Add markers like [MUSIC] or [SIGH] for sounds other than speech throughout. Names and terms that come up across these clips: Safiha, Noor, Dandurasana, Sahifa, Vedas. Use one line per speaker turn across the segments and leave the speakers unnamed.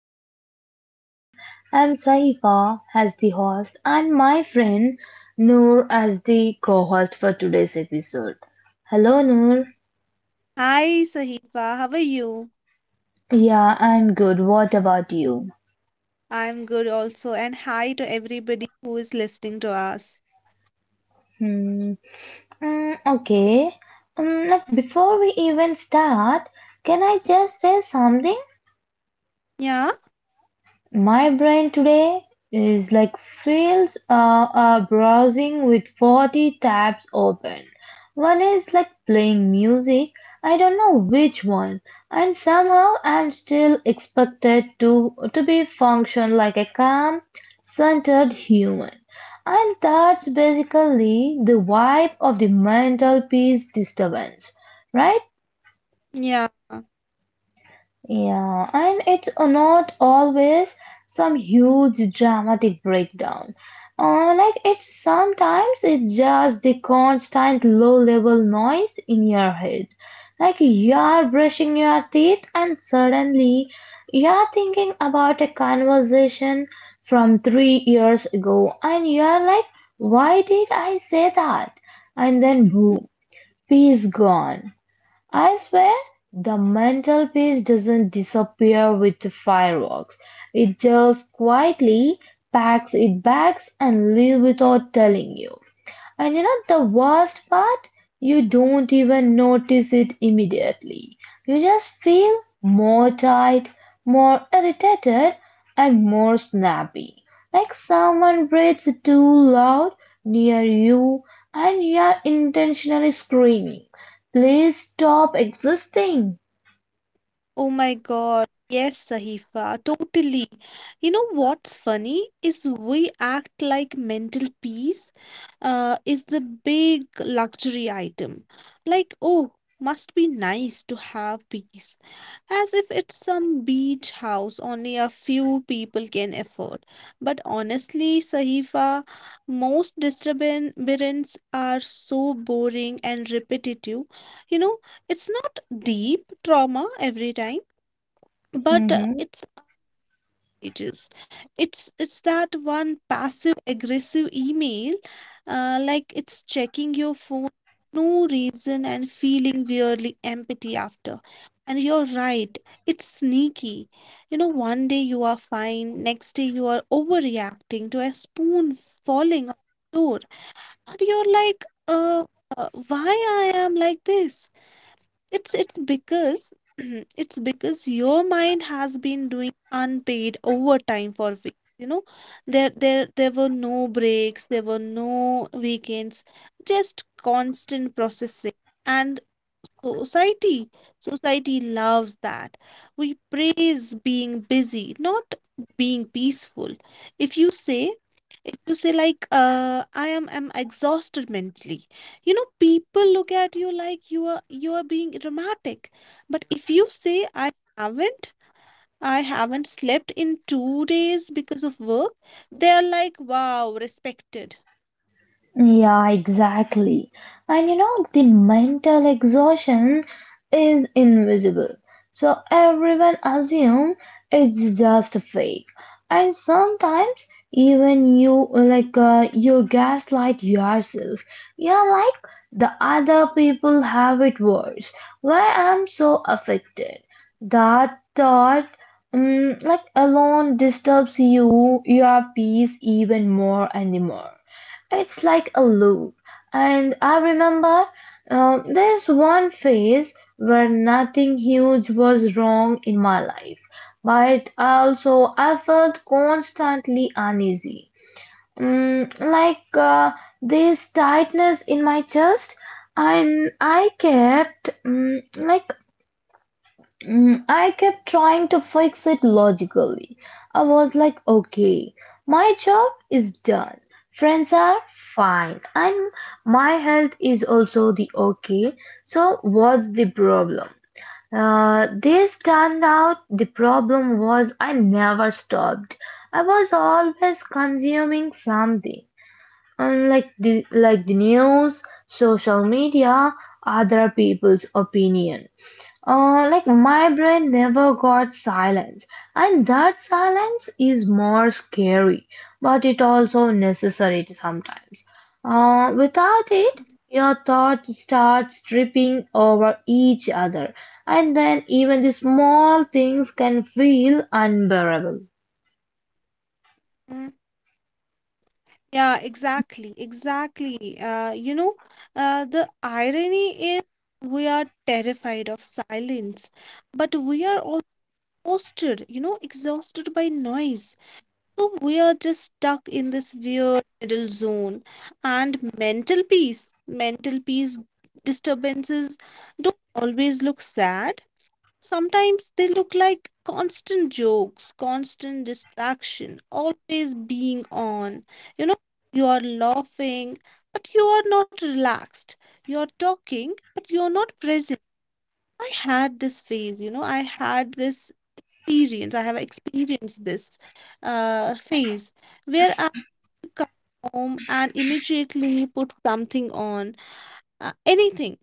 introduce ourselves. I'm Sahifa as the host, and my friend Noor as the co host for today's episode. Hello, Noor.
Hi Sahifa, how are you?
Yeah, I'm good. What about you?
I'm good also, and hi to everybody who is listening to us.
Hmm. Mm, okay. Like before we even start, can I just say something?
Yeah,
My brain today is like feels browsing with 40 tabs open. One is like playing music. I don't know which one. And somehow I'm still expected to be function like a calm, centered human. And that's basically the vibe of the mental peace disturbance, right?
yeah.
Yeah, and it's not always some huge dramatic breakdown. Like it's Sometimes it's just the constant low-level noise in your head. Like you are brushing your teeth and suddenly you are thinking about a conversation from 3 years ago, and you are like, "Why did I say that?" And then boom, peace gone. I swear, the mental peace doesn't disappear with fireworks. It just quietly packs it bags and leaves without telling you. And you know the worst part? You don't even notice it immediately. You just feel more tight, more irritated, and more snappy. Like someone breathes too loud near you and you are intentionally screaming, "Please stop existing."
Oh my God. Yes, Sahifa, totally. You know what's funny is we act like mental peace is the big luxury item. Like, oh, must be nice to have peace. As if it's some beach house only a few people can afford. But honestly, Sahifa, most disturbances are so boring and repetitive. You know, it's not deep trauma every time, but it's pages. It's that one passive aggressive email, like it's checking your phone for no reason and feeling weirdly empty after. And you're right, it's sneaky. You know, one day you are fine, next day you are overreacting to a spoon falling on the floor, and you're like, why I am like this? It's because [CLEARS THROAT] it's because your mind has been doing unpaid overtime for weeks. You know, there were no breaks, there were no weekends, just constant processing. And society society loves that. We praise being busy, not being peaceful. If you say like I am exhausted mentally, you know, people look at you like you are being dramatic, but if you say i haven't I haven't slept in 2 days because of work, they are like, wow, respected.
Yeah, exactly. And you know, the mental exhaustion is invisible. So everyone assume it's just a fake. And sometimes even you you gaslight yourself. You're like the other people have it worse. Why I'm so affected? That thought alone disturbs you your peace even more and more. It's like a loop. And I remember there's one phase where nothing huge was wrong in my life, but also I felt constantly uneasy. Mm, like uh, this tightness in my chest, and I kept mm, like Mm, I kept trying to fix it logically. I was like, okay, my job is done. Friends are fine. And my health is also the okay. So, what's the problem? This turned out the problem was I never stopped. I was always consuming something. Like the news, social media, other people's opinion. Like my brain never got silence, and that silence is more scary, but it also necessary sometimes. Without it, your thoughts start tripping over each other, and then even the small things can feel unbearable.
Mm. Yeah, exactly, you know, the irony is we are terrified of silence, but we are also exhausted, you know, exhausted by noise. So we are just stuck in this weird middle zone. And mental peace disturbances don't always look sad. Sometimes they look like constant jokes, constant distraction, always being on. You know, you are laughing, but you are not relaxed. You are talking, but you are not present. I had this phase, you know, I had this experience, I have experienced this phase where I come home and immediately put something on, anything,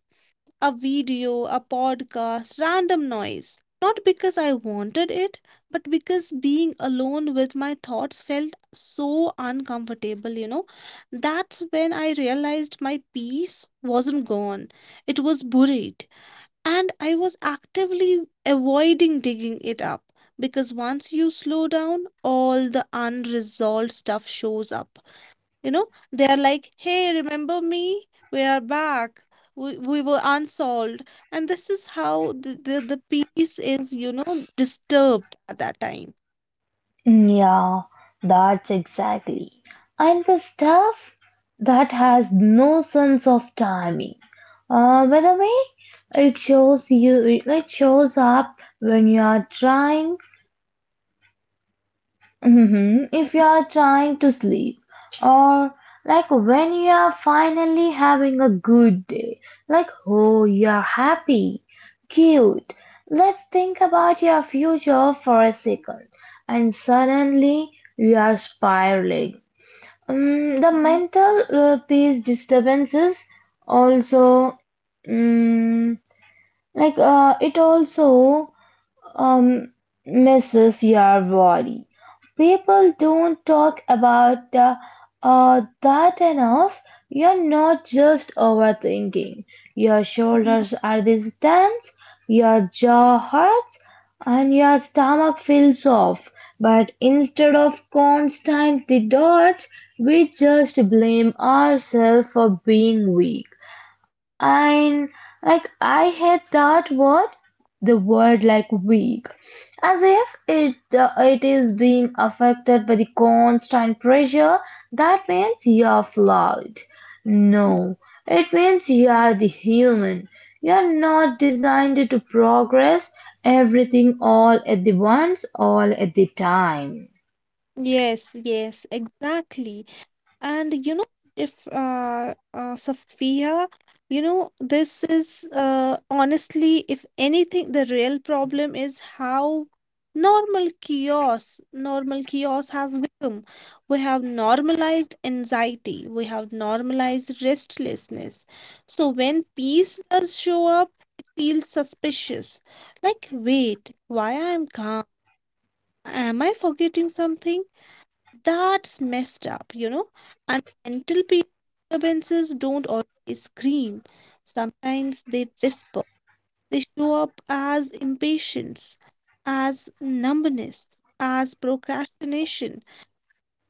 a video, a podcast, random noise. Not because I wanted it, but because being alone with my thoughts felt so uncomfortable, you know. That's when I realized my peace wasn't gone, it was buried. And I was actively avoiding digging it up because once you slow down, all the unresolved stuff shows up. You know, they are like, hey, remember me? We are back. We were unsolved. And this is how the peace is, you know, disturbed at that time.
Yeah, that's exactly. And the stuff that has no sense of timing. By the way, it shows you. It shows up when you are trying Mhm. If you are trying to sleep, or like when you are finally having a good day, like oh, you are happy, cute. Let's think about your future for a second, and suddenly you are spiraling. The
Mhm.
mental peace disturbances also, um, like it also um, Mrs. Yarbody, people don't talk about that enough. You're not just overthinking. Your shoulders are these tense, your jaw hurts, and your stomach feels off. But instead of constant dots, we just blame ourselves for being weak. And like I hate that word, the word like weak, as if it is being affected by the constant pressure. That means you are flawed. No, it means you are the human. You are not designed to progress everything all at the once, all at the time.
Yes, yes, exactly. And you know, if Sophia, you know, this is honestly, if anything, the real problem is how normal chaos has become. We have normalized anxiety, we have normalized restlessness. So when peace does show up, it feels suspicious. Like, wait, why I'm calm? Am I forgetting something? That's messed up, you know. And mental peace disturbances don't always scream. Sometimes they whisper. They show up as impatience, as numbness, as procrastination.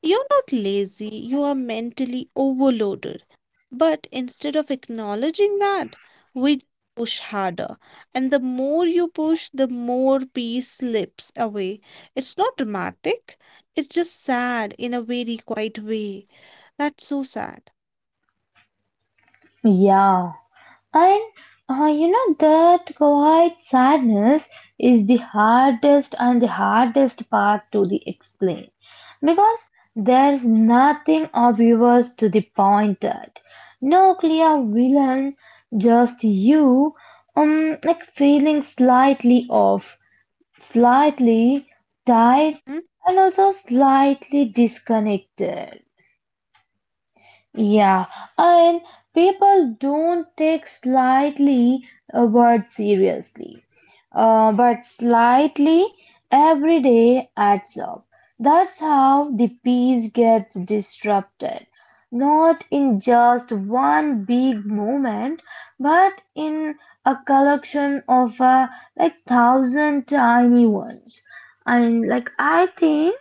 You're not lazy, you are mentally overloaded. But instead of acknowledging that, we push harder. And the more you push, the more peace slips away. It's not dramatic, it's just sad in a very quiet way. That's so sad.
Yeah. And you know that quiet sadness is the hardest part to the explain because there's nothing obvious to the point at. No clear villain, just you, like feeling slightly off, slightly tired, and also slightly disconnected. Yeah, and people don't take slightly a word seriously, but slightly every day adds up. That's how the peace gets disrupted, not in just one big moment, but in a collection of like thousand tiny ones. And like I think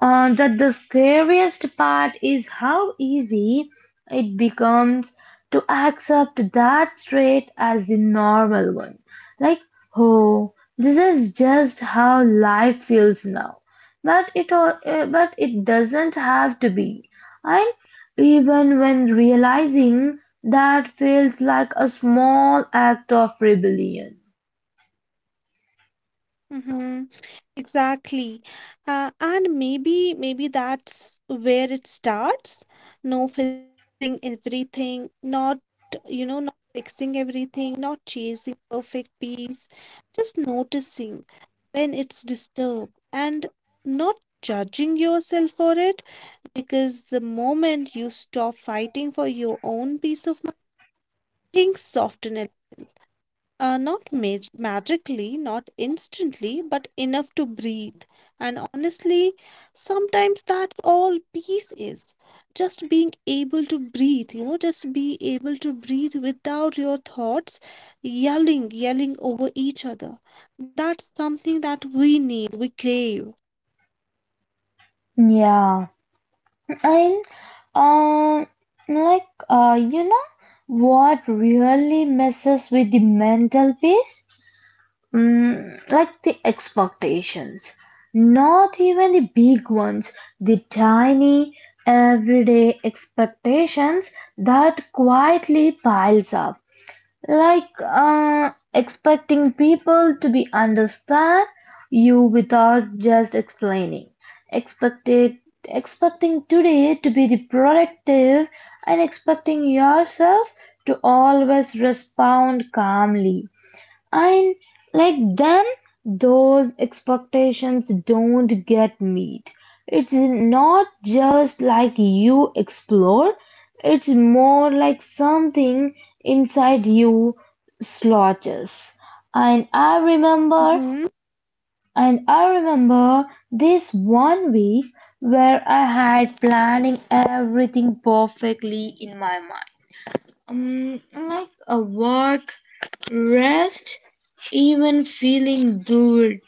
uh, that the scariest part is how easy it becomes to accept that trait as the normal one. Like, oh, this is just how life feels now. But but it doesn't have to be. And even when realizing that feels like a small act of rebellion.
Mm-hmm. Exactly. And maybe that's where it starts. No fis fixing everything, not, you know, not fixing everything, not chasing perfect peace, just noticing when it's disturbed and not judging yourself for it because the moment you stop fighting for your own peace of mind, things soften a not magically, not instantly, but enough to breathe. And honestly, sometimes that's all peace is. Just being able to breathe, you know, just be able to breathe without your thoughts yelling over each other. That's something that we need, we crave.
Yeah. And um, you know what really messes with the mental peace? Like the expectations. Not even the big ones, the tiny everyday expectations that quietly piles up expecting people to be understand you without just explaining expected expecting today to be the productive and expecting yourself to always respond calmly and like then those expectations don't get met. It's not just like you explore, it's more like something inside you slouches. And I remember
Mm-hmm.
and I remember this one week where I had planning everything perfectly in my mind. Like a work rest, even feeling good.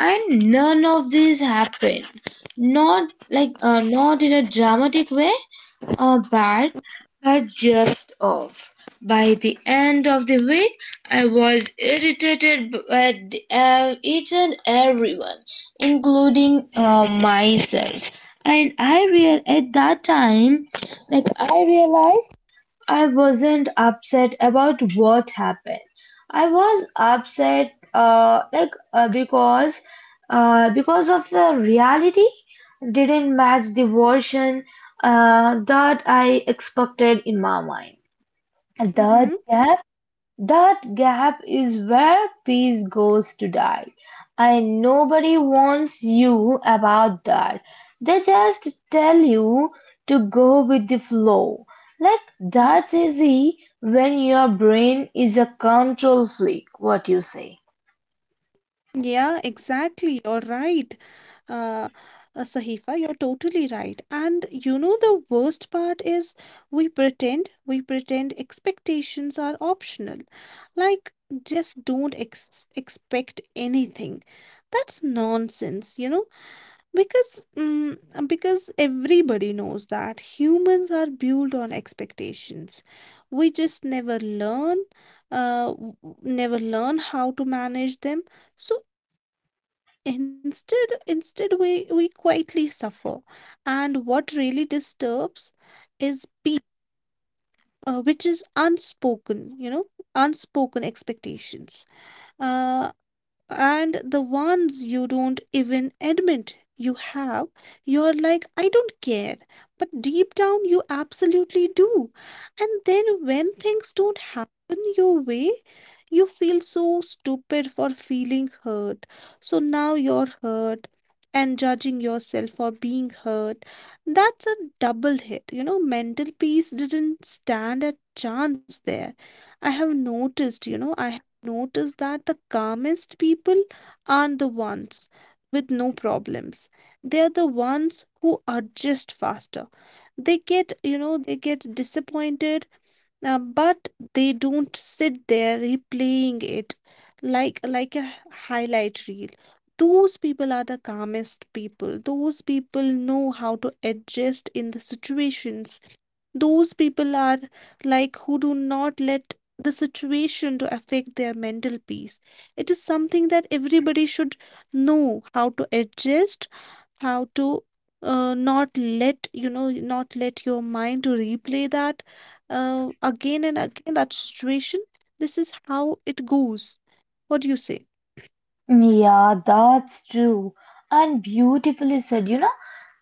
And none of this happened. Not in a dramatic way or bad, but just off. By the end of the week, I was irritated at each and everyone, including myself. And I real at that time, like I realized I wasn't upset about what happened. I was upset, because of the reality didn't match the version that I expected in my mind. That
Mm-hmm.
gap that gap is where peace goes to die, and nobody warns you about that. They just tell you to go with the flow. Like that's easy when your brain is a control freak, what you say.
Yeah, exactly. You're right. uh, Sahifa, you're totally right. And you know, the worst part is we pretend expectations are optional. Like, just don't expect anything. That's nonsense, you know. Because because everybody knows that humans are built on expectations. We just never learn, never learn how to manage them. So, instead we quietly suffer. And what really disturbs is peace, which is unspoken. You know, unspoken expectations. Uh, and the ones you don't even admit you have, you're like, I don't care. But deep down, you absolutely do. And then when things don't happen your way, you feel so stupid for feeling hurt. So now you're hurt and judging yourself for being hurt. That's a double hit. You know, mental peace didn't stand a chance there. I have noticed, you know, I noticed that the calmest people aren't the ones with no problems. They are the ones who adjust faster. They get, you know, they get disappointed, but they don't sit there replaying it like a highlight reel. Those people are the calmest people. Those people know how to adjust in the situations. Those people are like who do not let the situation to affect their mental peace. It is something that everybody should know how to adjust, how to not let, you know, not let your mind to replay that again and again, that situation. This is how it goes. What do you say?
Yeah, that's true. And beautifully said, you know,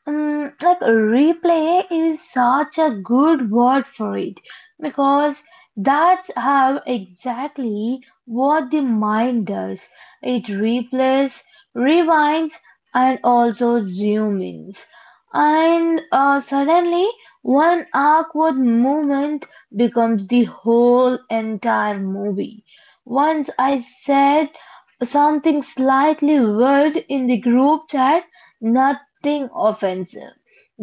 replay is such a good word for it because that's how exactly what the mind does. It replays, rewinds, and also zoom ins. And suddenly, one awkward moment becomes the whole entire movie. Once I said something slightly weird in the group chat, nothing offensive,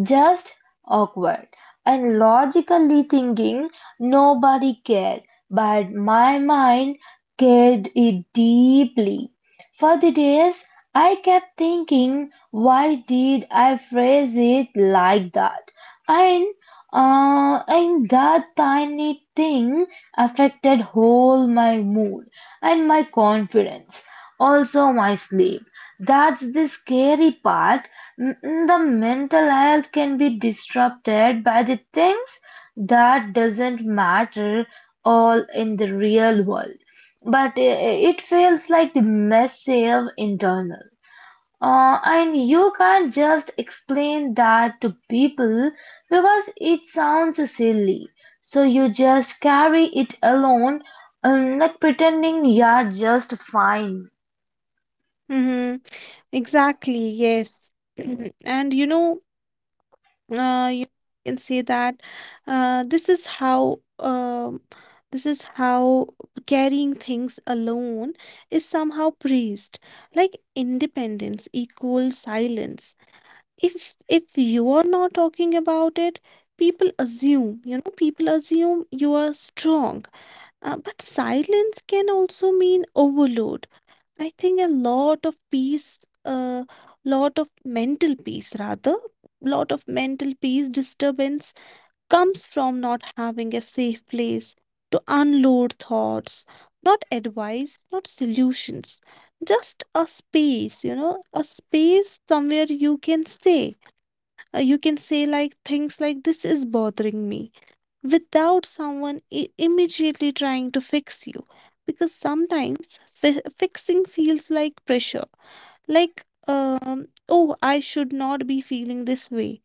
just awkward. And logically thinking, nobody cared, but my mind cared it deeply. For the days, I kept thinking, why did I phrase it like that? And and that tiny thing affected whole my mood and my confidence. Also, my sleep. That's the scary part. M- The mental health can be disrupted by the things that doesn't matter all in the real world. But it feels like the massive internal. And you can't just explain that to people because it sounds silly. So you just carry it alone, like pretending you're just fine.
Mm-hmm. Exactly, yes. [CLEARS THROAT] And you know, you can say that uh, this is how um, this is how carrying things alone is somehow praised, like independence equals silence. If you are not talking about it, people assume, you know, people assume you are strong, but silence can also mean overload. I think a lot of mental peace, rather, lot of mental peace disturbance comes from not having a safe place to unload thoughts, not advice, not solutions, just a space, you know, a space somewhere you can say like things like, "This is bothering me," without someone immediately trying to fix you, because sometimes fixing feels like pressure, like oh, I should not be feeling this way.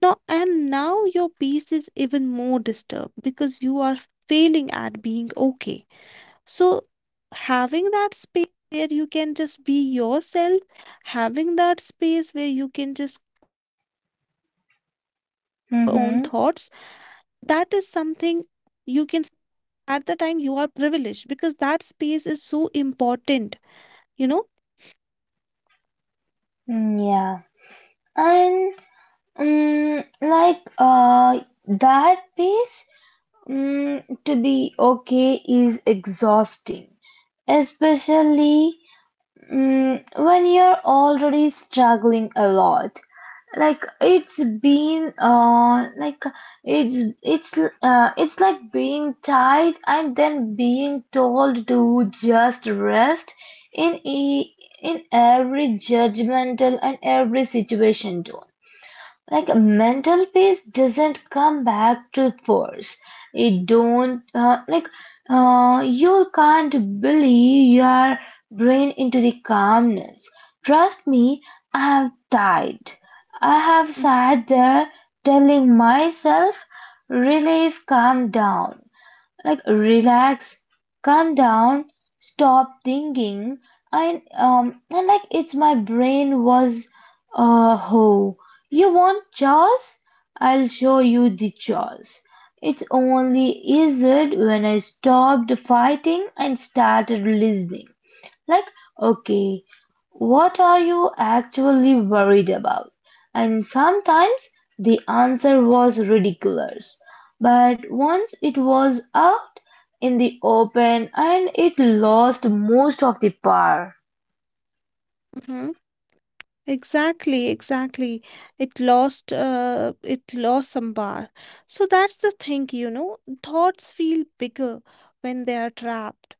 No, and now your peace is even more disturbed because you are failing at being okay. So having that space where you can just be yourself, having that space where you can just you, you know, share your own thoughts,
Mm-hmm.
that is something. You can, at the time, you are privileged because that space is so important, you know.
Mm, yeah. And um, like uh that piece, to be okay is exhausting, especially when you're already struggling a lot. Like it's been like it's It's like being tied and then being told to just rest in e in every judgmental and every situation too. Like mental peace doesn't come back to force. It don't like You can't bully your brain into the calmness. Trust me, I have tried. I have sat there telling myself relief, calm down, like relax, calm down, stop thinking. And um and like it's my brain was ho you want chores, I'll show you the chores. It's only eased when I stopped fighting and started listening. Like, okay, what are you actually worried about? And sometimes the answer was ridiculous. But once it was out in the open, and it lost most of the power.
Mm-hmm. Exactly, exactly. It lost some bar. So that's the thing, you know. Thoughts feel bigger when they are trapped.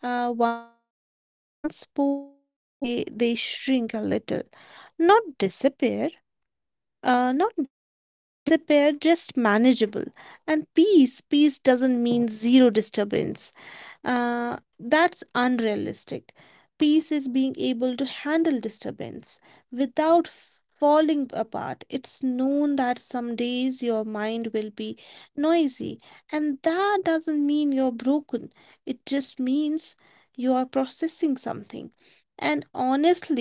Once spoken, they shrink a little, not disappear, not disappear, just manageable. And peace doesn't mean zero disturbance. That's unrealistic. Peace is being able to handle disturbance without falling apart. It's known that some days your mind will be noisy, and that doesn't mean you're broken. It just means you are processing something.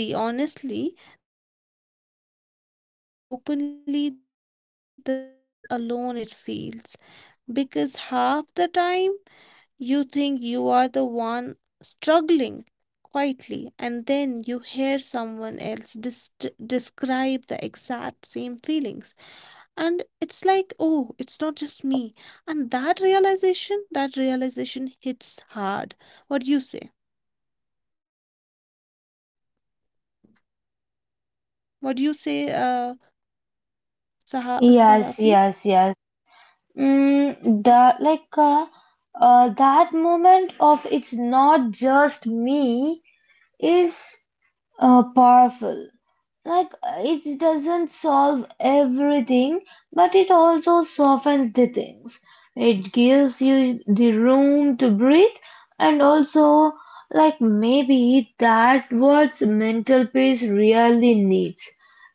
And honestly, the more we talk about this openly, the less alone it feels. Because half the time, you think you are the one struggling quietly, and then you hear someone else describe the exact same feelings. And it's like, oh, it's not just me. And that realization hits hard. What do you say? What do you say,
Yes,
Sahafi?
yes, yes. Mm, the like That moment of "it's not just me" is powerful. It doesn't solve everything, but it also softens the things. It gives you the room to breathe, and also, like, maybe that's what mental peace really needs: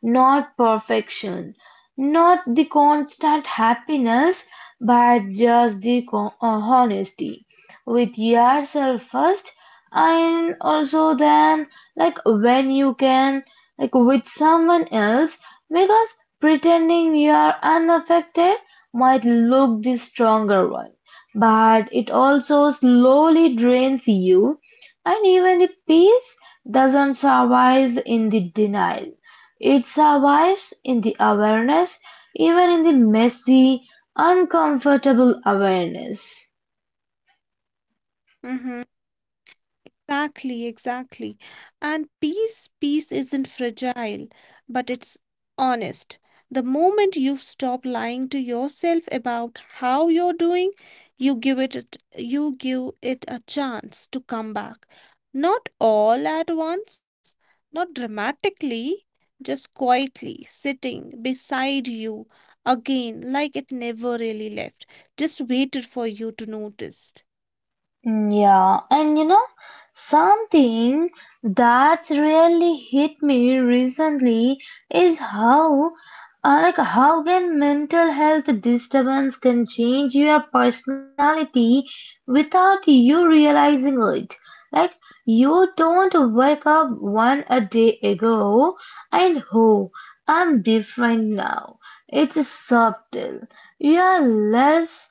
not perfection, not the constant happiness, but just honesty with yourself first, and also then, like, when you can like with someone else, because pretending you are unaffected might look the stronger one, but it also slowly drains you. And even the peace doesn't survive in the denial; it survives in the awareness, even in the messy uncomfortable awareness.
Mm-hmm. Exactly, exactly. And peace isn't fragile, but it's honest. The moment you stop lying to yourself about how you're doing, you give it you give it a chance to come back. Not all at once, not dramatically, just quietly sitting beside you again like it never really left. Just waited for you to notice.
Mm, yeah, and you know, something that's really hit me recently is how can mental health disturbance can change your personality without you realizing it. Like you don't wake up one a day ago and oh, I'm different now. It's subtle. You are less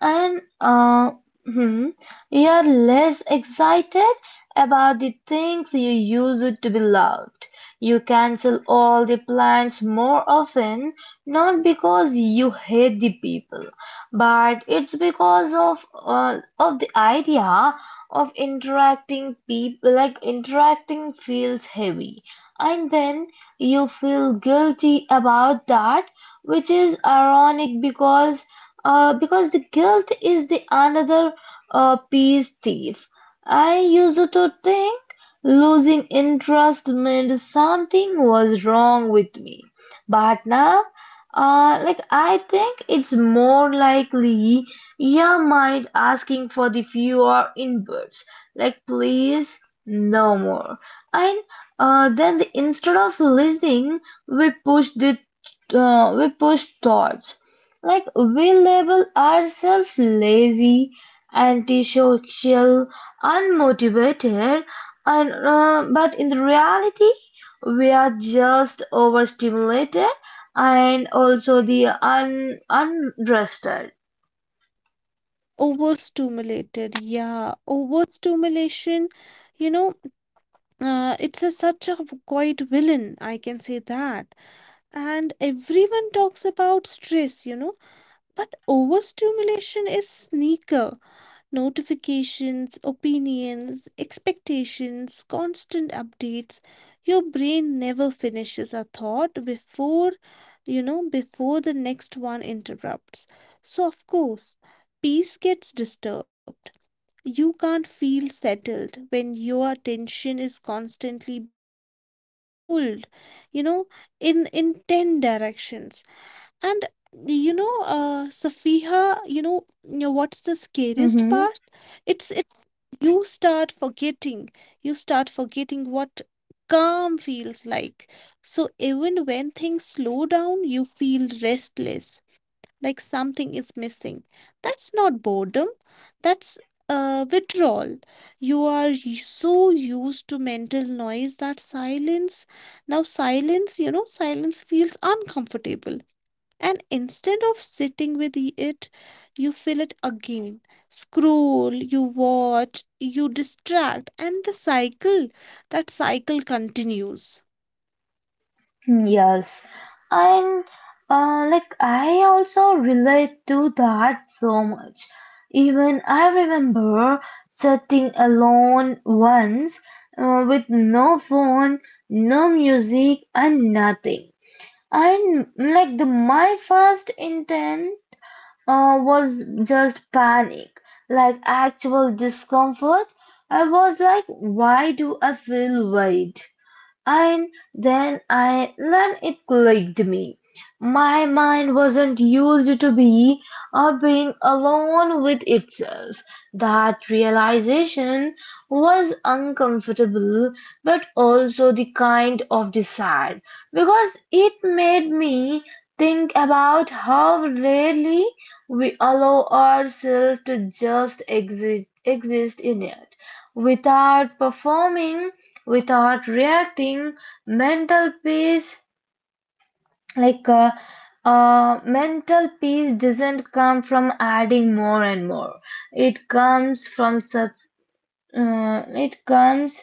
and hmm, You're less excited about the things you used to be loved. You cancel all the plans more often, not because you hate the people, but it's because of the idea of interacting people, like interacting feels heavy, and then you feel guilty about that, which is ironic because the guilt is the another peace thief. I used to think losing interest meant something was wrong with me, but now, I think it's more likely your mind asking for the fewer inputs, like please no more, and instead of listening, we push the we push thoughts like we label ourselves lazy, antisocial, unmotivated, and but in the reality we are just overstimulated and also unrested.
Overstimulated, yeah. Overstimulation, you know, it's a such a quiet villain, I can say that. And everyone talks about stress, you know, but overstimulation is sneaker. Notifications, opinions, expectations, constant updates. Your brain never finishes a thought before, you know, before the next one interrupts. So, of course, peace gets disturbed. You can't feel settled when your attention is constantly being pulled, you know, in 10 directions. And you know, Safiha, you know what's the scariest
Mm-hmm.
part? It's you start forgetting. You start forgetting what calm feels like. So even when things slow down, you feel restless like something is missing. That's not boredom, that's withdrawal. You are so used to mental noise that silence, now silence, you know, silence feels uncomfortable. And instead of sitting with it, you feel it again. Scroll, you watch, you distract, and that cycle continues.
Yes, and like I also relate to that so much. Even I remember sitting alone once with no phone, no music, and nothing. And like the my first intent was just panic, like actual discomfort. I was like, why do I feel weight? And then it clicked me. My mind wasn't used to be being alone with itself. That realization was uncomfortable but also the kind of desire because it made me think about how rarely we allow ourselves to just exist in it without performing, without reacting. Mental peace, like uh, mental peace, doesn't come from adding more and more. It comes from sub. It comes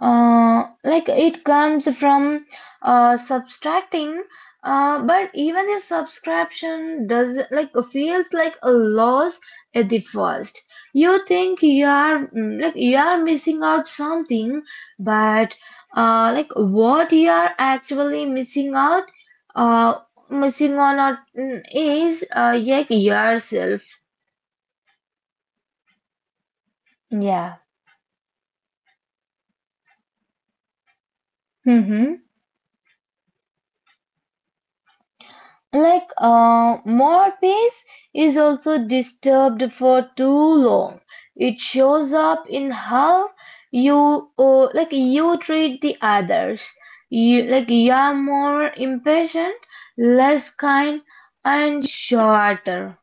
like it comes from subtracting, but even a subscription does like feels like a loss at the first. You think you are like you are missing out something, but like what you are actually missing out uh, missing on out mm, is like yourself. Yeah. Hmm. Like more peace is also disturbed for too long. It shows up in how you like you treat the others. You like you are more impatient, less kind, and shorter.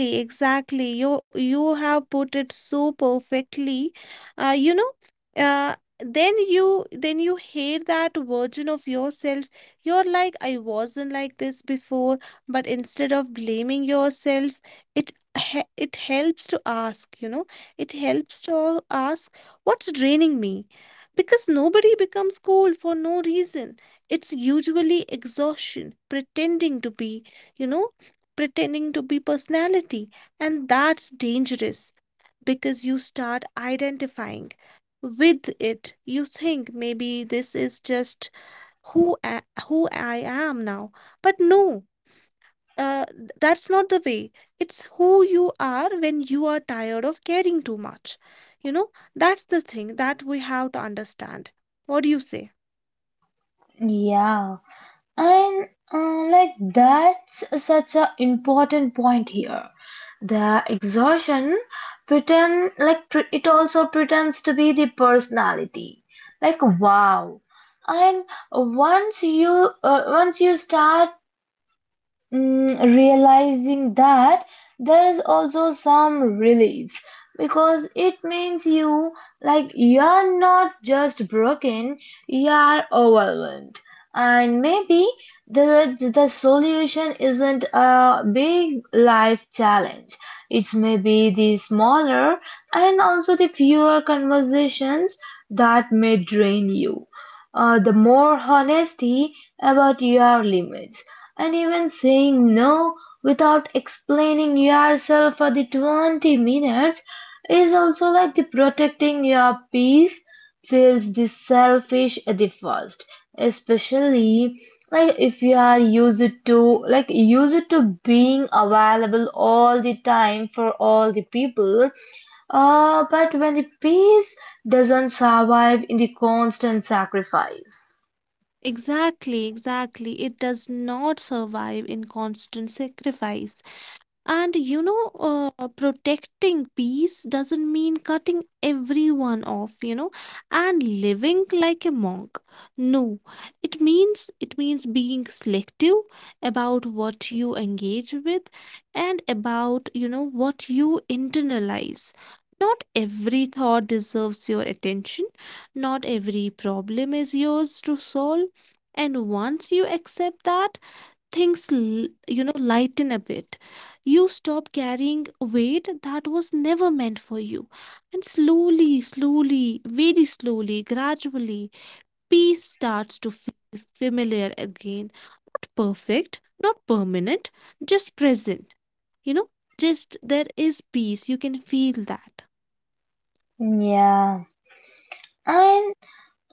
Exactly, exactly. You have put it so perfectly. You know, uh, then you hate that version of yourself. You're like, I wasn't like this before, but instead of blaming yourself, it it helps to ask, you know, it helps to ask what's draining me. Because nobody becomes cold for no reason. It's usually exhaustion, pretending to be, you know, pretending to be personality. And that's dangerous because you start identifying with it. You think maybe this is just who I am now. But no, that's not the way. It's who you are when you are tired of caring too much. You know, that's the thing that we have to understand. What do you say?
Yeah. And like that's such an important point here. The exhaustion it also pretends to be the personality. Like wow. And once you start realizing that there is also some relief because it means you like you're not just broken, you're overwhelmed, and maybe the the solution isn't a big life challenge. It's maybe the smaller and also the fewer conversations that may drain you, the more honesty about your limits, and even saying no without explaining yourself for the 20 minutes is also like the protecting your peace. Feels the selfish at the first, especially like if you are used to being available all the time for all the people, but when the peace doesn't survive in the constant sacrifice.
Exactly, exactly. It does not survive in constant sacrifice. And you know, protecting peace doesn't mean cutting everyone off, you know, and living like a monk. No, it means being selective about what you engage with and about, you know, what you internalize. Not every thought deserves your attention. Not every problem is yours to solve. And once you accept that, things l- you know, lighten a bit. You stop carrying weight that was never meant for you, and slowly very slowly, gradually, peace starts to feel familiar again. Not perfect, not permanent, just present, you know, just there is peace, you can feel that.
Yeah. And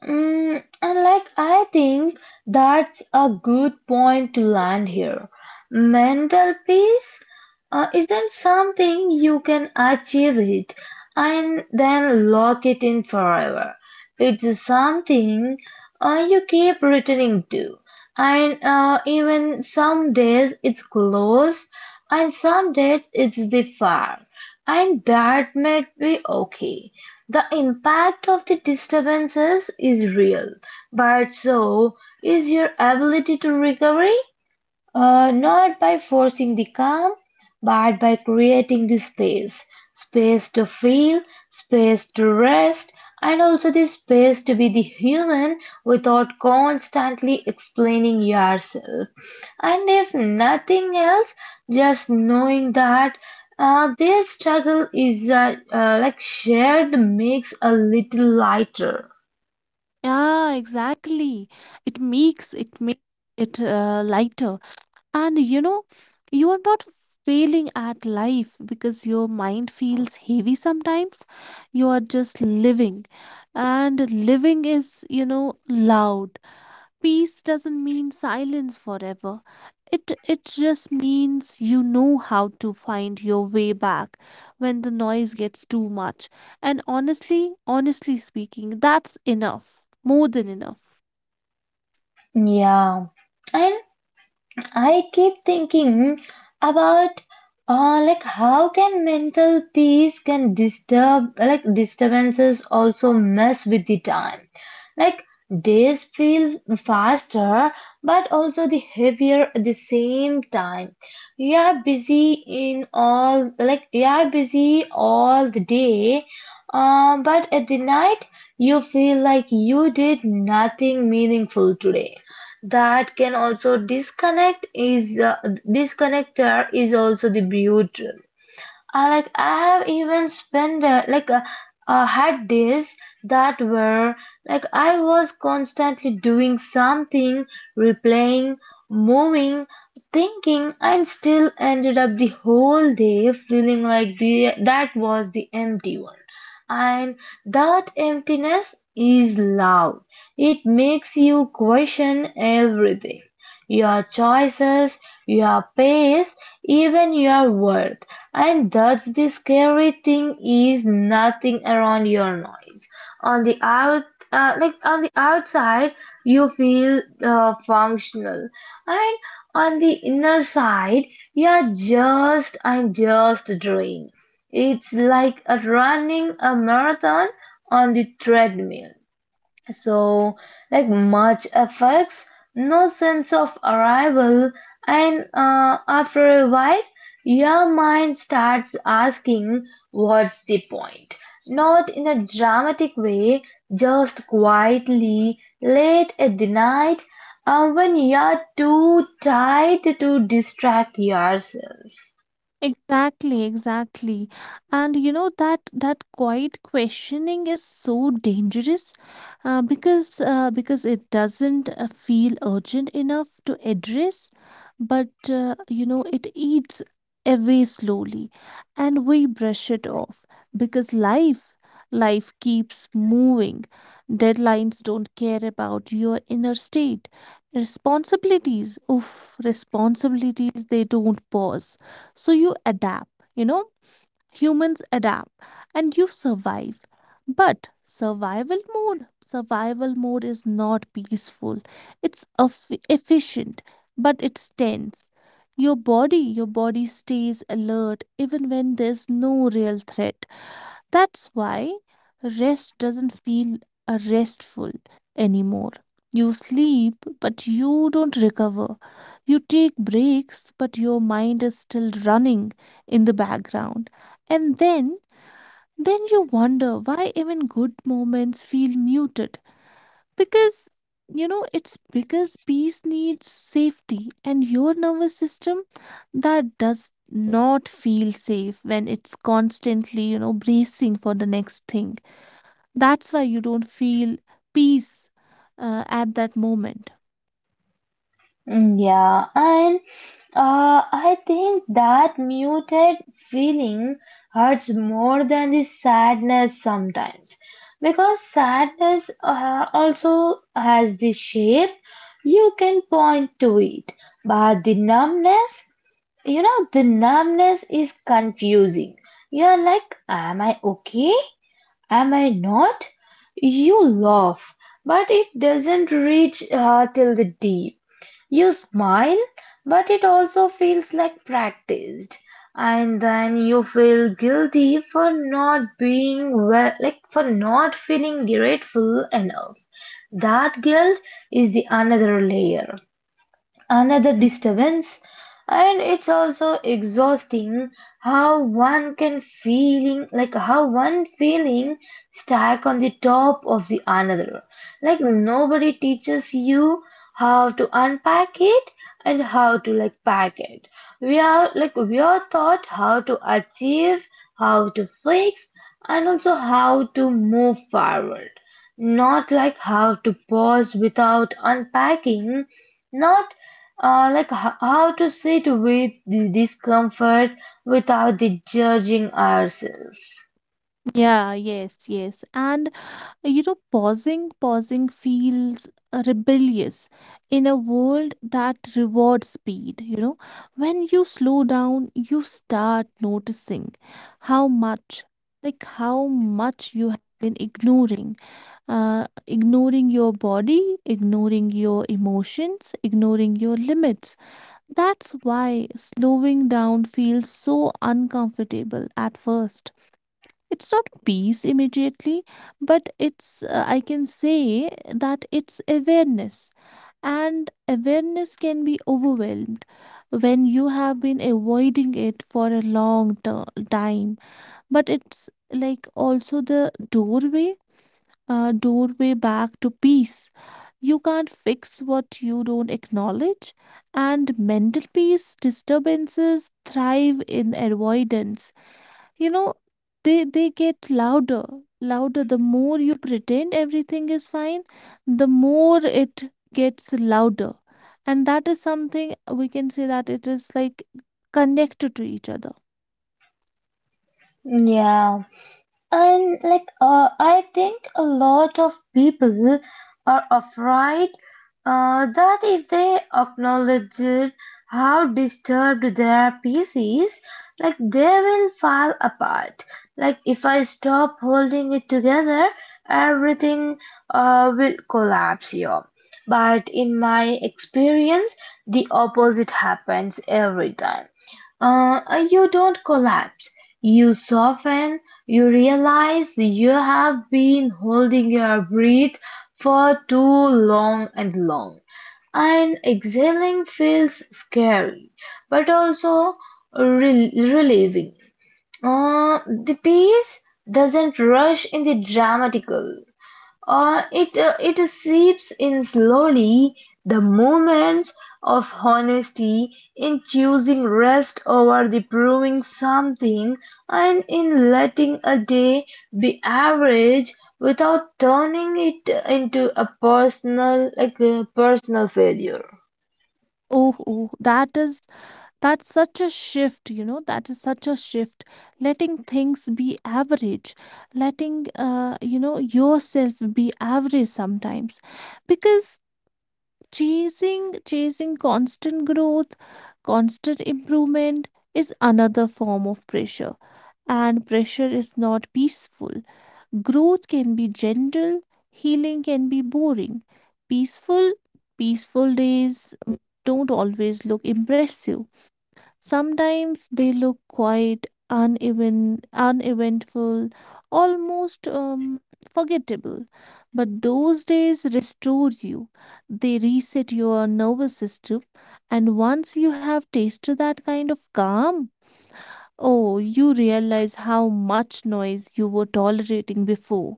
And like I think that's a good point to land here. Mental peace isn't something you can achieve it and then lock it in forever. It's something you keep returning to, and even some days it's close, and some days it's the far, and that might be okay. The impact of the disturbances is real, but so is your ability to recover. Not by forcing the calm, but by creating the space. Space to feel, space to rest, and also the space to be the human without constantly explaining yourself. And if nothing else, just knowing that their struggle is like shared makes a little lighter.
Yeah, exactly. It makes it lighter. And you know, you are not failing at life because your mind feels heavy sometimes. You are just living. And living is, you know, loud. Peace doesn't mean silence forever. It just means you know how to find your way back when the noise gets too much. And honestly, honestly speaking, that's enough. More than enough.
Yeah. And I keep thinking about like how can mental peace can disturbances also mess with the time. Like days feel faster but also the heavier at the same time. You are busy in all like you are busy all the day, but at the night you feel like you did nothing meaningful today. That can also disconnect is disconnector is also the butyrate. Like I have even spent there, had days that were like I was constantly doing something, replaying, moving, thinking, and still ended up the whole day feeling like the that was the empty one. And that emptiness is loud. It makes you question everything, your choices, your pace, even your worth. And that's the scary thing is nothing around your noise. On the out, like on the outside, you feel functional, and on the inner side, you're just drained. It's like a running a marathon on the treadmill. So, like much affects no sense of arrival, and after a while, your mind starts asking, what's the point? Not in a dramatic way, just quietly, late at the night, when you're too tired to distract yourself.
Exactly, exactly. And you know that that quiet questioning is so dangerous because it doesn't feel urgent enough to address, but you know, it eats away slowly, and we brush it off because life keeps moving. Deadlines don't care about your inner state. Responsibilities, oof, responsibilities, they don't pause. So you adapt, you know, humans adapt and you survive. But survival mode is not peaceful. Efficient, but it's tense. Your body stays alert even when there's no real threat. That's why rest doesn't feel restful anymore. You sleep, but you don't recover. You take breaks, but your mind is still running in the background. And then you wonder why even good moments feel muted. Because, you know, its biggest piece needs safety, and your nervous system that does not feel safe when it's constantly, you know, bracing for the next thing. That's why you don't feel peace at that moment.
Yeah, and I think that muted feeling hurts more than the sadness sometimes because sadness also has the shape you can point to it, but the numbness, you know, the numbness is confusing. You're like, am I okay? Am I not? You laugh, but it doesn't reach till the deep. You smile, but it also feels like practiced. And then you feel guilty for not being well, like for not feeling grateful enough. That guilt is the another layer, another disturbance, and it's also exhausting how one can feeling like how one feeling stack on the top of the another. Like nobody teaches you how to unpack it and how to like pack it. We are taught how to achieve, how to fix, and also how to move forward, not like how to pause without unpacking, not how to sit with the discomfort without the judging ourselves.
Yeah, yes, yes. And like, you know, pausing, pausing feels rebellious in a world that rewards speed. You know, when you slow down, you start noticing how much, like how much you have been ignoring, ignoring your body, ignoring your emotions, ignoring your limits. That's why slowing down feels so uncomfortable at first. It's not peace immediately, but it's, I can say that it's awareness. And awareness can be overwhelmed when you have been avoiding it for a time. But it's like also the doorway, doorway back to peace. You can't fix what you don't acknowledge, and mental peace disturbances thrive in avoidance, you know. They get louder, louder the more you pretend everything is fine. The more it gets louder. And that is something we can say that it is like connected to each other.
Yeah. And I think a lot of people are afraid that if they acknowledge how disturbed their peace is, like they will fall apart. Like if I stop holding it together, everything will collapse here. But in my experience, the opposite happens every time. You don't collapse. You soften. You realize you have been holding your breath for too long and long. And exhaling feels scary, but also relieving. Uh, the peace doesn't rush in the dramatical. Uh, it seeps in slowly, the moments of honesty, in choosing rest over the proving something, and in letting a day be average without turning it into a personal failure.
Oh, oh, that is, that's such a shift, you know, that is such a shift. Letting things be average, letting you know, yourself be average sometimes. Because chasing constant growth, constant improvement is another form of pressure, and pressure is not peaceful. Growth can be gentle, healing can be boring. Peaceful, peaceful days don't always look impressive. Sometimes they look quiet, uneven, uneventful, almost forgettable. But those days restore you. They reset your nervous system. And once you have tasted that kind of calm, oh, you realize how much noise you were tolerating before.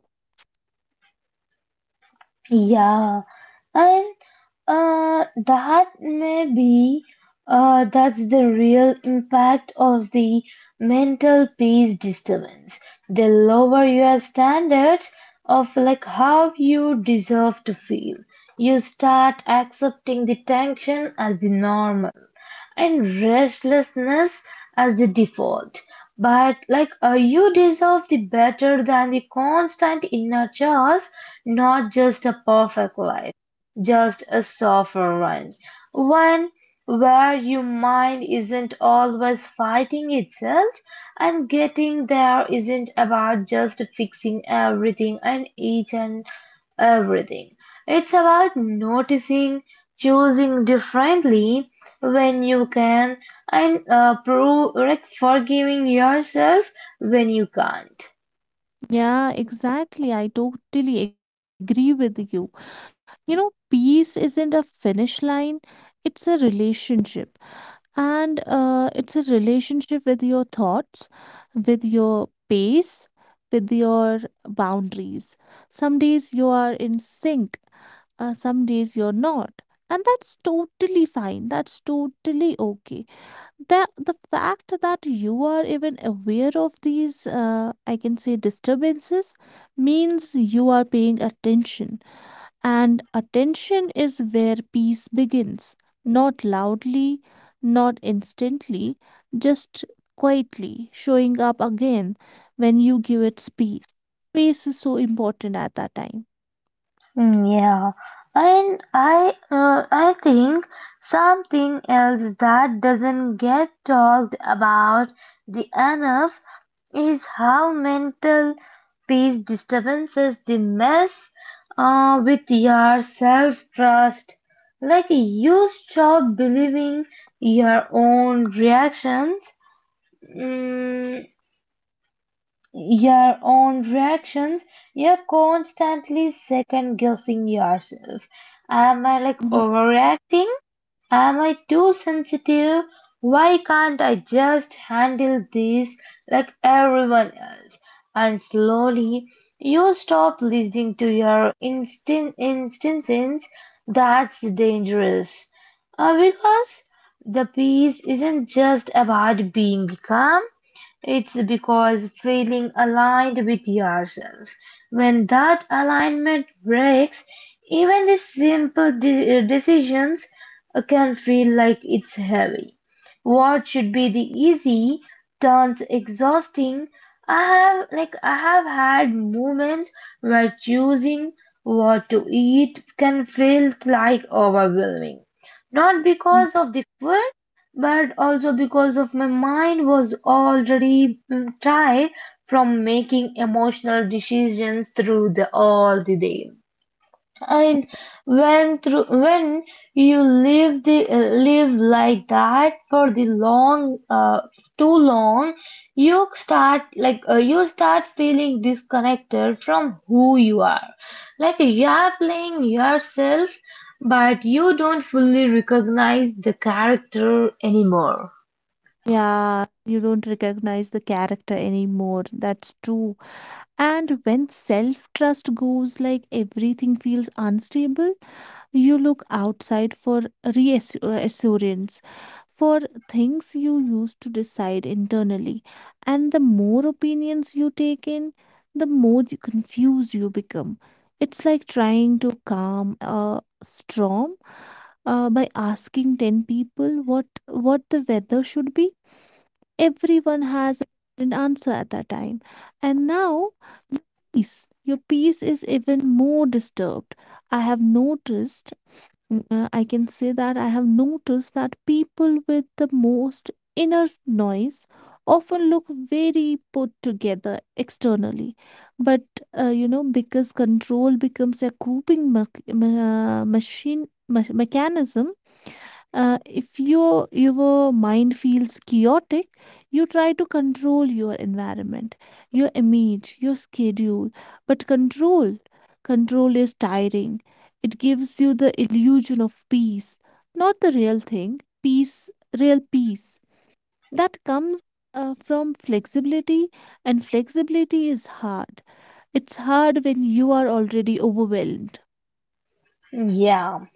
Yeah, and that may be that's the real impact of the mental peace disturbance. They lower your standards of like how you deserve to feel. You start accepting the tension as the normal and restlessness as the default. But you deserve the better than the constant inner chaos, not just a perfect life, just a softer one. One where your mind isn't always fighting itself, and getting there isn't about just fixing everything and each and everything. It's about noticing, choosing differently, when you can, and like forgiving yourself when you can't.
Yeah, exactly. I totally agree with you. You know, peace isn't a finish line, it's a relationship. And it's a relationship with your thoughts, with your pace, with your boundaries. Some days you are in sync, some days you're not. And that's totally fine, that's totally okay. The fact that you are even aware of these, I can say, disturbances, means you are paying attention. And attention is where peace begins, not loudly, not instantly, just quietly showing up again when you give it space. Space is so important at that time.
Yeah, and I think something else that doesn't get talked about the enough is how mental peace disturbances the mess with your self trust. Like you stop believing your own reactions. Mm, your own reactions, you're constantly second guessing yourself. Am I like
Mhm.
overreacting? Am I too sensitive? Why can't I just handle this like everyone else? And slowly you stop listening to your instincts. That's dangerous. Because the peace isn't just about being calm, it's because feeling aligned with yourself. When that alignment breaks, even the simple decisions can feel like it's heavy. What should be the easy turns exhausting. I have had moments where choosing what to eat can feel like overwhelming. Not
Mm.
because of the food, but also because of my mind was already tired from making emotional decisions through the all the day, and when you live like that for the long too long, you start you start feeling disconnected from who you are. Like you are playing yourself, but you don't fully recognize the character anymore.
Yeah, you don't recognize the character anymore. That's true. And when self trust goes, like everything feels unstable. You look outside for reassurance, for things you used to decide internally. And the more opinions you take in, the more you confused you become. It's like trying to calm a storm by asking 10 people what the weather should be. Everyone has an answer at that time. And now peace. Your peace is even more disturbed. I have noticed, I can say that I have noticed that people with the most inner noise often look very put together externally. But, you know, because control becomes a coping mechanism. If your mind feels chaotic, you try to control your environment, your image, your schedule. But control, control is tiring. It gives you the illusion of peace, not the real thing. Peace, real peace that comes from flexibility. And flexibility is hard, it's hard when you are already overwhelmed.
Yeah.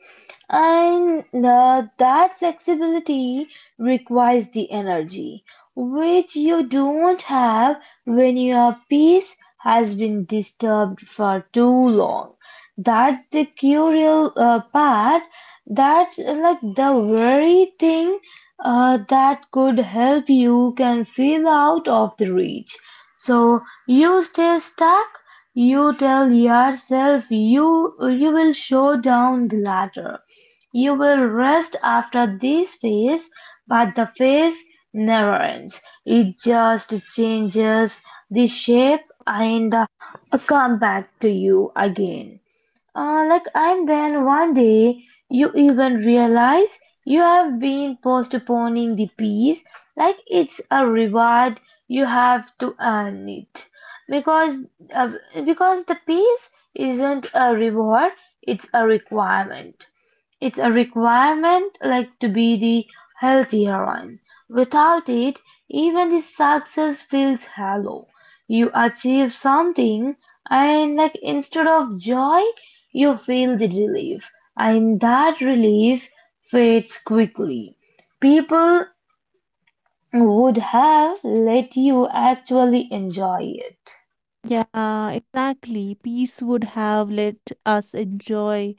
And that flexibility requires the energy, which you don't have when your peace has been disturbed for too long. That's the curial part. That's like the very thing that could help you can feel out of the reach. So you stay stuck. You tell yourself you will show down the ladder, you will rest after this phase, but the phase never ends. It just changes the shape and come back to you again. And then one day you even realize you have been postponing the peace like it's a reward you have to earn it, because uh, because the peace isn't a reward, it's a requirement. It's a requirement like to be the healthy heroine. Without it, even the success feels hollow. You achieve something and like instead of joy, you feel the relief. And that relief fades quickly. People would have let you actually enjoy it.
Yeah, exactly. Peace would have let us enjoy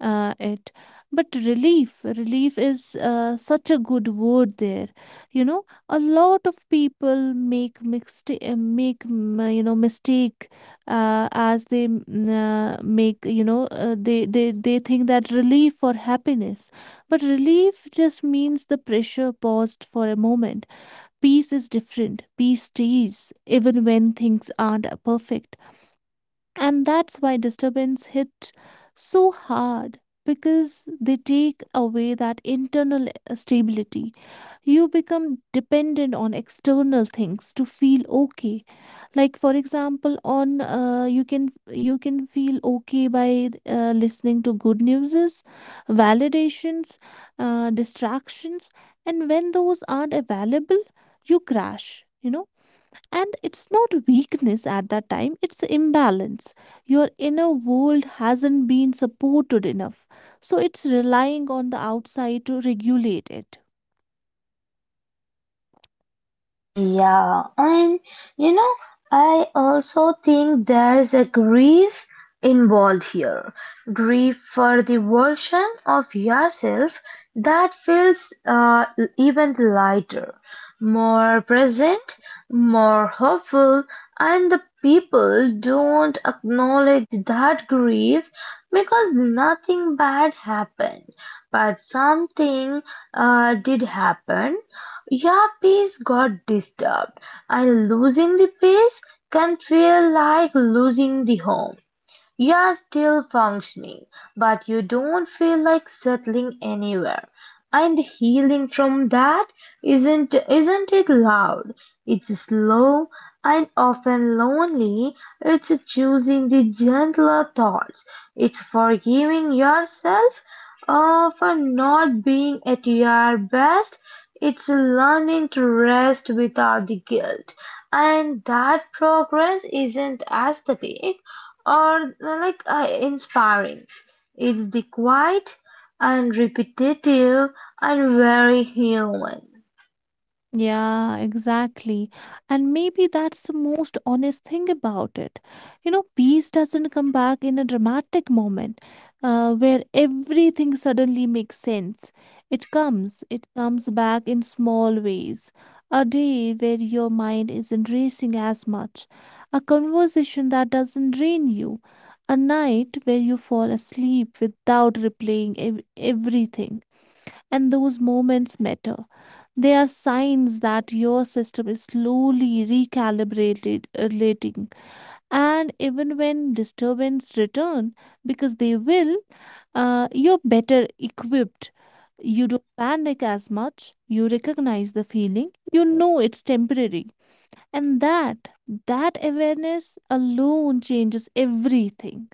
it. But relief, relief is such a good word there. You know, a lot of people make mistake, make mm, you know mistake as they mm, make you know they think that relief for happiness, but relief just means the pressure paused for a moment. Peace is different. Peace stays even when things aren't perfect. And that's why disturbance hit so hard because they take away that internal stability. You become dependent on external things to feel okay. Like for example, on you can feel okay by listening to good newses, validations, distractions, and when those aren't available, you crash. You know, and it's not weakness at that time, it's imbalance. Your inner world hasn't been supported enough, so it's relying on the outside to regulate it.
Yeah, and you know, I also think there's a grief involved here. Grief for the version of yourself that feels even lighter, more present, more hopeful, and the people don't acknowledge that grief because nothing bad happened, but something did happen. Your peace got disturbed, and losing the peace can feel like losing the home. You're still functioning, but you don't feel like settling anywhere. And the healing from that isn't it loud? It's slow and often lonely. It's choosing the gentler thoughts. It's forgiving yourself for not being at your best. It's learning to rest without the guilt. And that progress isn't aesthetic, or inspiring. It's the quiet and repetitive and very human.
Yeah, exactly. And maybe that's the most honest thing about it. You know, peace doesn't come back in a dramatic moment where everything suddenly makes sense. It comes back in small ways. A day where your mind isn't racing as much, a conversation that doesn't drain you, a night where you fall asleep without replaying everything. And those moments matter, they are signs that your system is slowly recalibrated, relating. And even when disturbance return, because they will, you're better equipped. You don't panic as much. You recognize the feeling. You know it's temporary. And that, that awareness alone changes everything.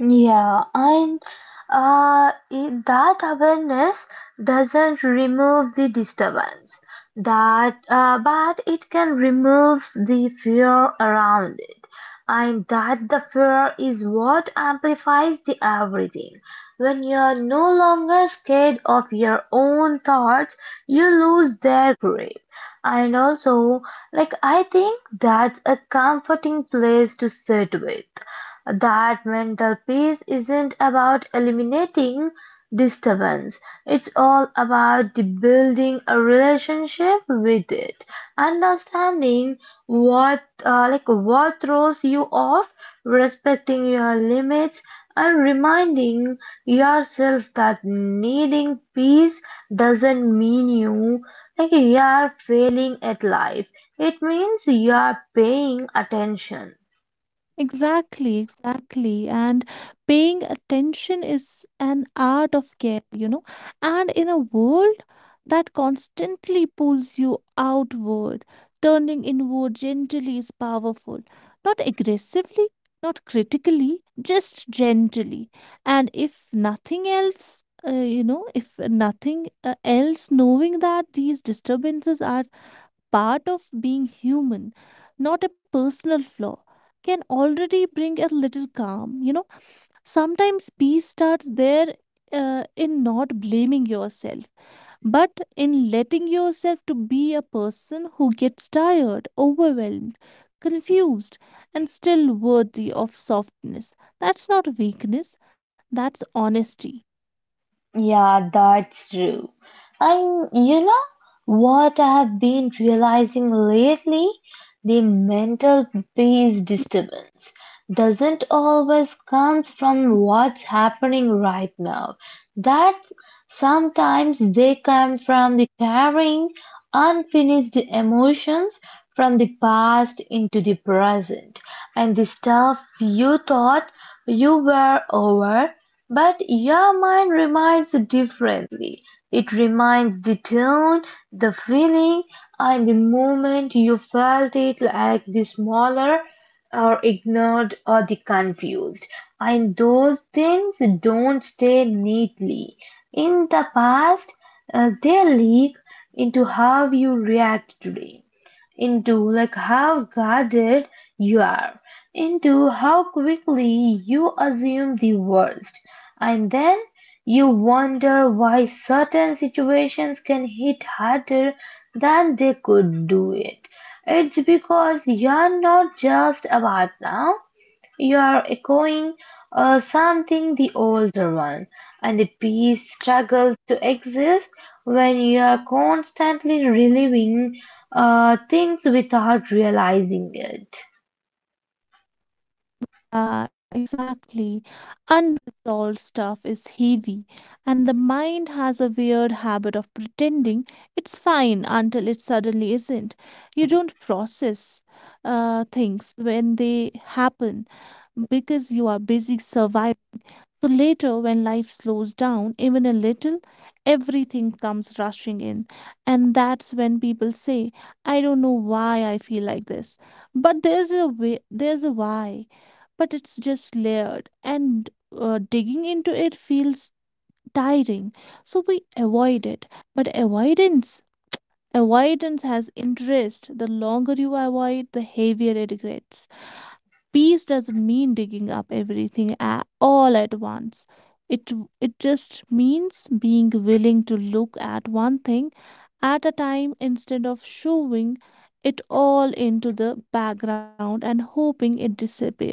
Yeah, and that awareness doesn't remove the disturbance, that but it can remove the fear around it, and that the fear is what amplifies the everything. When you're no longer scared of your own thoughts, you lose their grip. And also, like I think that's a comforting place to sit with that mental peace isn't about eliminating disturbance. It's all about the building a relationship with it, understanding what like what throws you off, respecting your limits, and reminding yourself that needing peace doesn't mean you like you are failing at life. It means you are paying attention.
Exactly, exactly. And paying attention is an art of care, you know. And in a world that constantly pulls you outward, turning inward gently is powerful. Not aggressively, not critically, just gently. And if nothing else, you know, if nothing else, knowing that these disturbances are part of being human, not a personal flaw, can already bring a little calm. You know, sometimes peace starts there, in not blaming yourself, but in letting yourself to be a person who gets tired, overwhelmed, confused, and still worthy of softness. That's not weakness, that's honesty.
Yeah, that's true. And you know what I have been realizing lately? The mental peace disturbance doesn't always comes from what's happening right now. That's sometimes they come from the carrying unfinished emotions from the past into the present. And the stuff you thought you were over but your mind reminds differently. It reminds the tone, the feeling, and the moment you felt it like the smaller or ignored or the confused. And those things don't stay neatly. In the past, they leak into how you react today into like how guarded you are, into how quickly you assume the worst, and then you wonder why certain situations can hit harder than they could do it. It's because you're not just about now, you are echoing something the older one, and the piece struggles to exist when you are constantly reliving things without realizing it.
Yeah, exactly. Unresolved stuff is heavy, and the mind has a weird habit of pretending it's fine until it suddenly isn't. You don't process things when they happen because you are busy surviving. So later, when life slows down even a little, everything comes rushing in. And that's when people say, I don't know why I feel like this. But there's a way, there's a why. But it's just layered. And digging into it feels tiring. So we avoid it. But avoidance, avoidance has interest. The longer you avoid, the heavier it gets. Peace doesn't mean digging up everything all at once. It it just means being willing to look at one thing at a time instead of shoving it all into the background and hoping it disappears.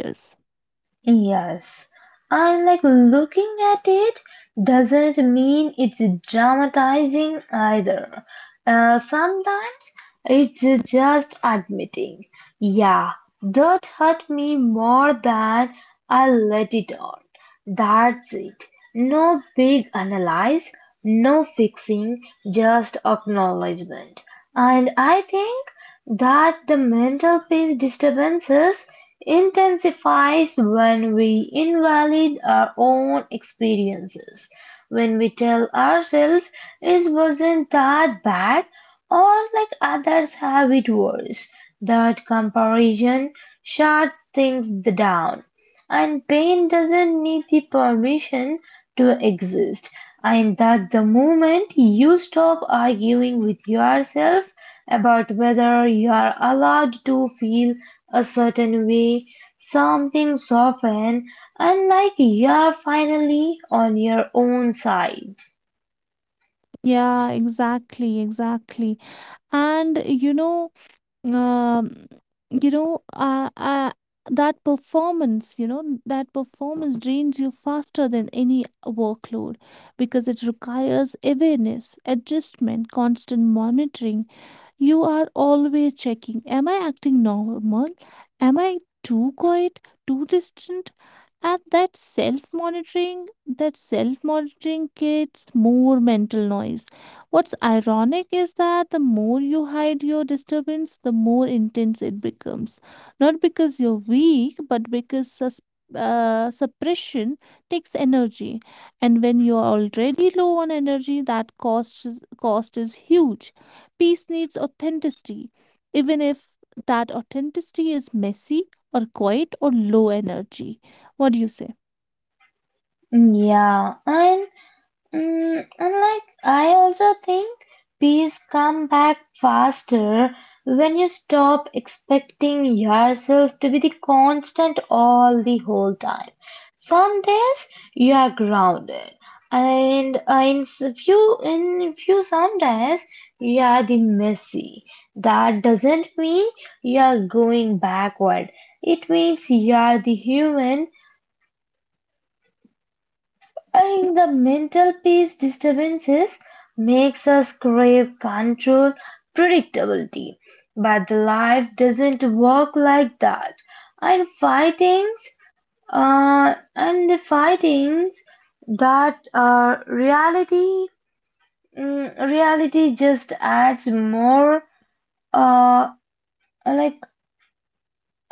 Yes, and like looking at it doesn't mean it's dramatizing either. Sometimes it's just admitting, yeah, that hurt me more than I let it on. That's it. No big analysis, no fixing, just acknowledgement. And I think that the mental peace disturbances intensifies when we invalidate our own experiences. When we tell ourselves it wasn't that bad or like others have it worse. That comparison shuts things down and pain doesn't need the permission to exist. And that the moment you stop arguing with yourself about whether you are allowed to feel a certain way, something softens and like you are finally on your own side.
Yeah, exactly, exactly. And you know, um, you know uh, uh, that performance, you know, that performance drains you faster than any workload because it requires awareness adjustment, constant monitoring. You are always checking, am I acting normal? Am I too quiet? Too distant? And that self monitoring creates more mental noise. What's ironic is that the more you hide your disturbance, the more intense it becomes. Not because you're weak, but because suppression takes energy. And when you're already low on energy, that cost, cost is huge. Peace needs authenticity, even if that authenticity is messy or quiet or low energy. What do you say?
Yeah, and and like I also think peace come back faster when you stop expecting yourself to be the constant all the whole time. Some days you are grounded, and in few some days you are the messy. That doesn't mean you are going backward. It means you are the human. I think the mental peace disturbances makes us crave control, predictability. But the life doesn't work like that. And fightings and the fightings that are reality reality just adds more uh like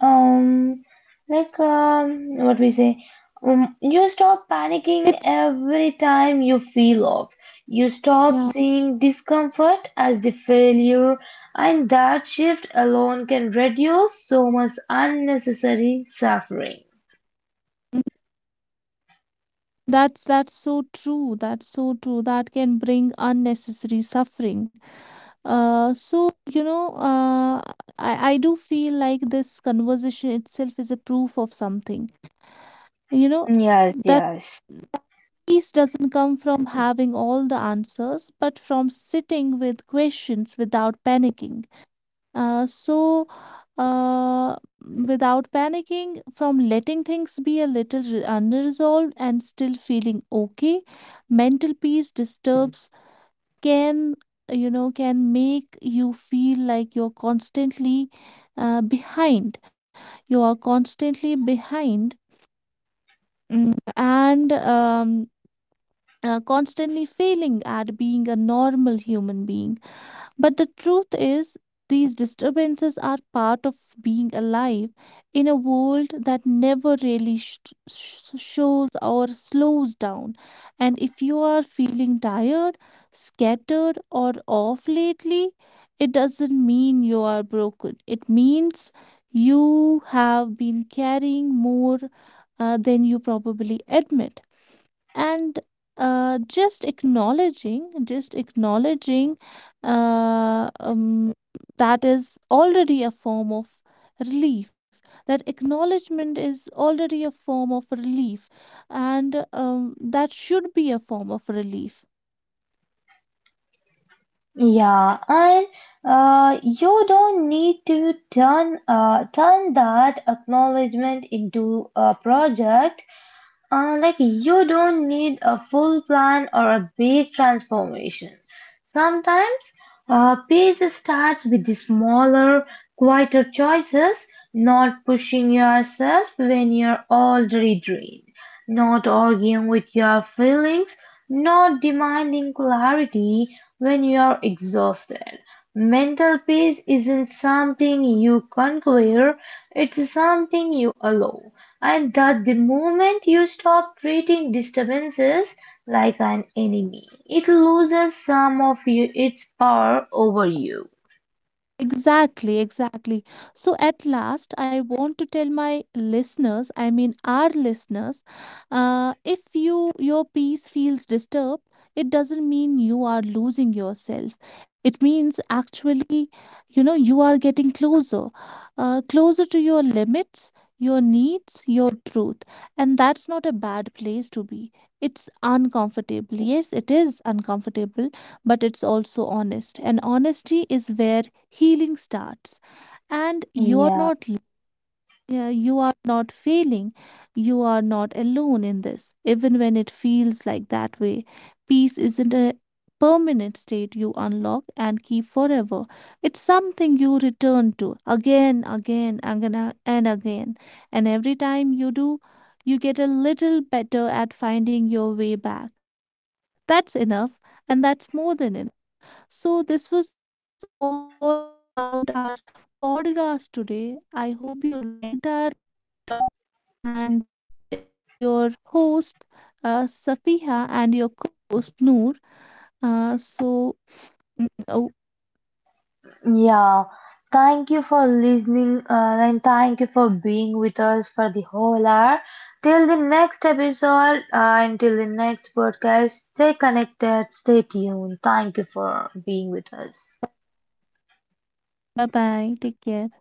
um like what we say you stop panicking
It's
every time you feel off, you stop
yeah.
seeing discomfort as the failure, and that shift alone can reduce so much unnecessary suffering.
mm, that's so true. That's so true. That can bring unnecessary suffering. So you know, I do feel like this conversation itself is a proof of something. You know
Yes,
that
yes.
peace doesn't come from having all the answers, but from sitting with questions without panicking. So, without panicking, from letting things be a little unresolved and still feeling okay, mental peace disturbs can, you know, can make you feel like you're constantly behind. You are constantly behind, mm, and constantly failing at being a normal human being. But the truth is, these disturbances are part of being alive in a world that never really shows or slows down. And if you are feeling tired, scattered, or off lately, it doesn't mean you are broken. It means you have been carrying more than you probably admit. And just acknowledging, just acknowledging, uh, um, that is already a form of relief. That acknowledgement is already a form of relief. And that should be a form of relief.
Yeah, and you don't need to turn that acknowledgement into a project. Like you don't need a full plan or a big transformation. Sometimes peace starts with the smaller, quieter choices, not pushing yourself when you're already drained. Not arguing with your feelings, not demanding clarity when you are exhausted. Mental peace isn't something you conquer, it's something you allow. And that the moment you stop treating disturbances like an enemy, it loses some of you, its power over you.
Exactly, exactly. So at last, I want to tell my listeners, I mean our listeners, if you, your peace feels disturbed, it doesn't mean you are losing yourself. It means actually, you know, you are getting closer, closer to your limits, your needs, your truth, and that's not a bad place to be. It's uncomfortable. Yes, it is uncomfortable, but it's also honest. And honesty is where healing starts. And you are
Yeah.
not. Yeah, you are not failing. You are not alone in this, even when it feels like that way. Peace isn't a permanent state you unlock and keep forever. It's something you return to again, again, again, and again. And every time you do, you get a little better at finding your way back. That's enough, and that's more than enough. So, this was all about our podcast today. I hope you liked our topic, and it was your host, Safiha, and your co host, Noor. So, [SNIFFS] oh,
Yeah, thank you for listening and thank you for being with us for the whole hour. Till the next episode, Until the next podcast, stay connected, stay tuned. Thank you for being with us.
bye bye. Take care.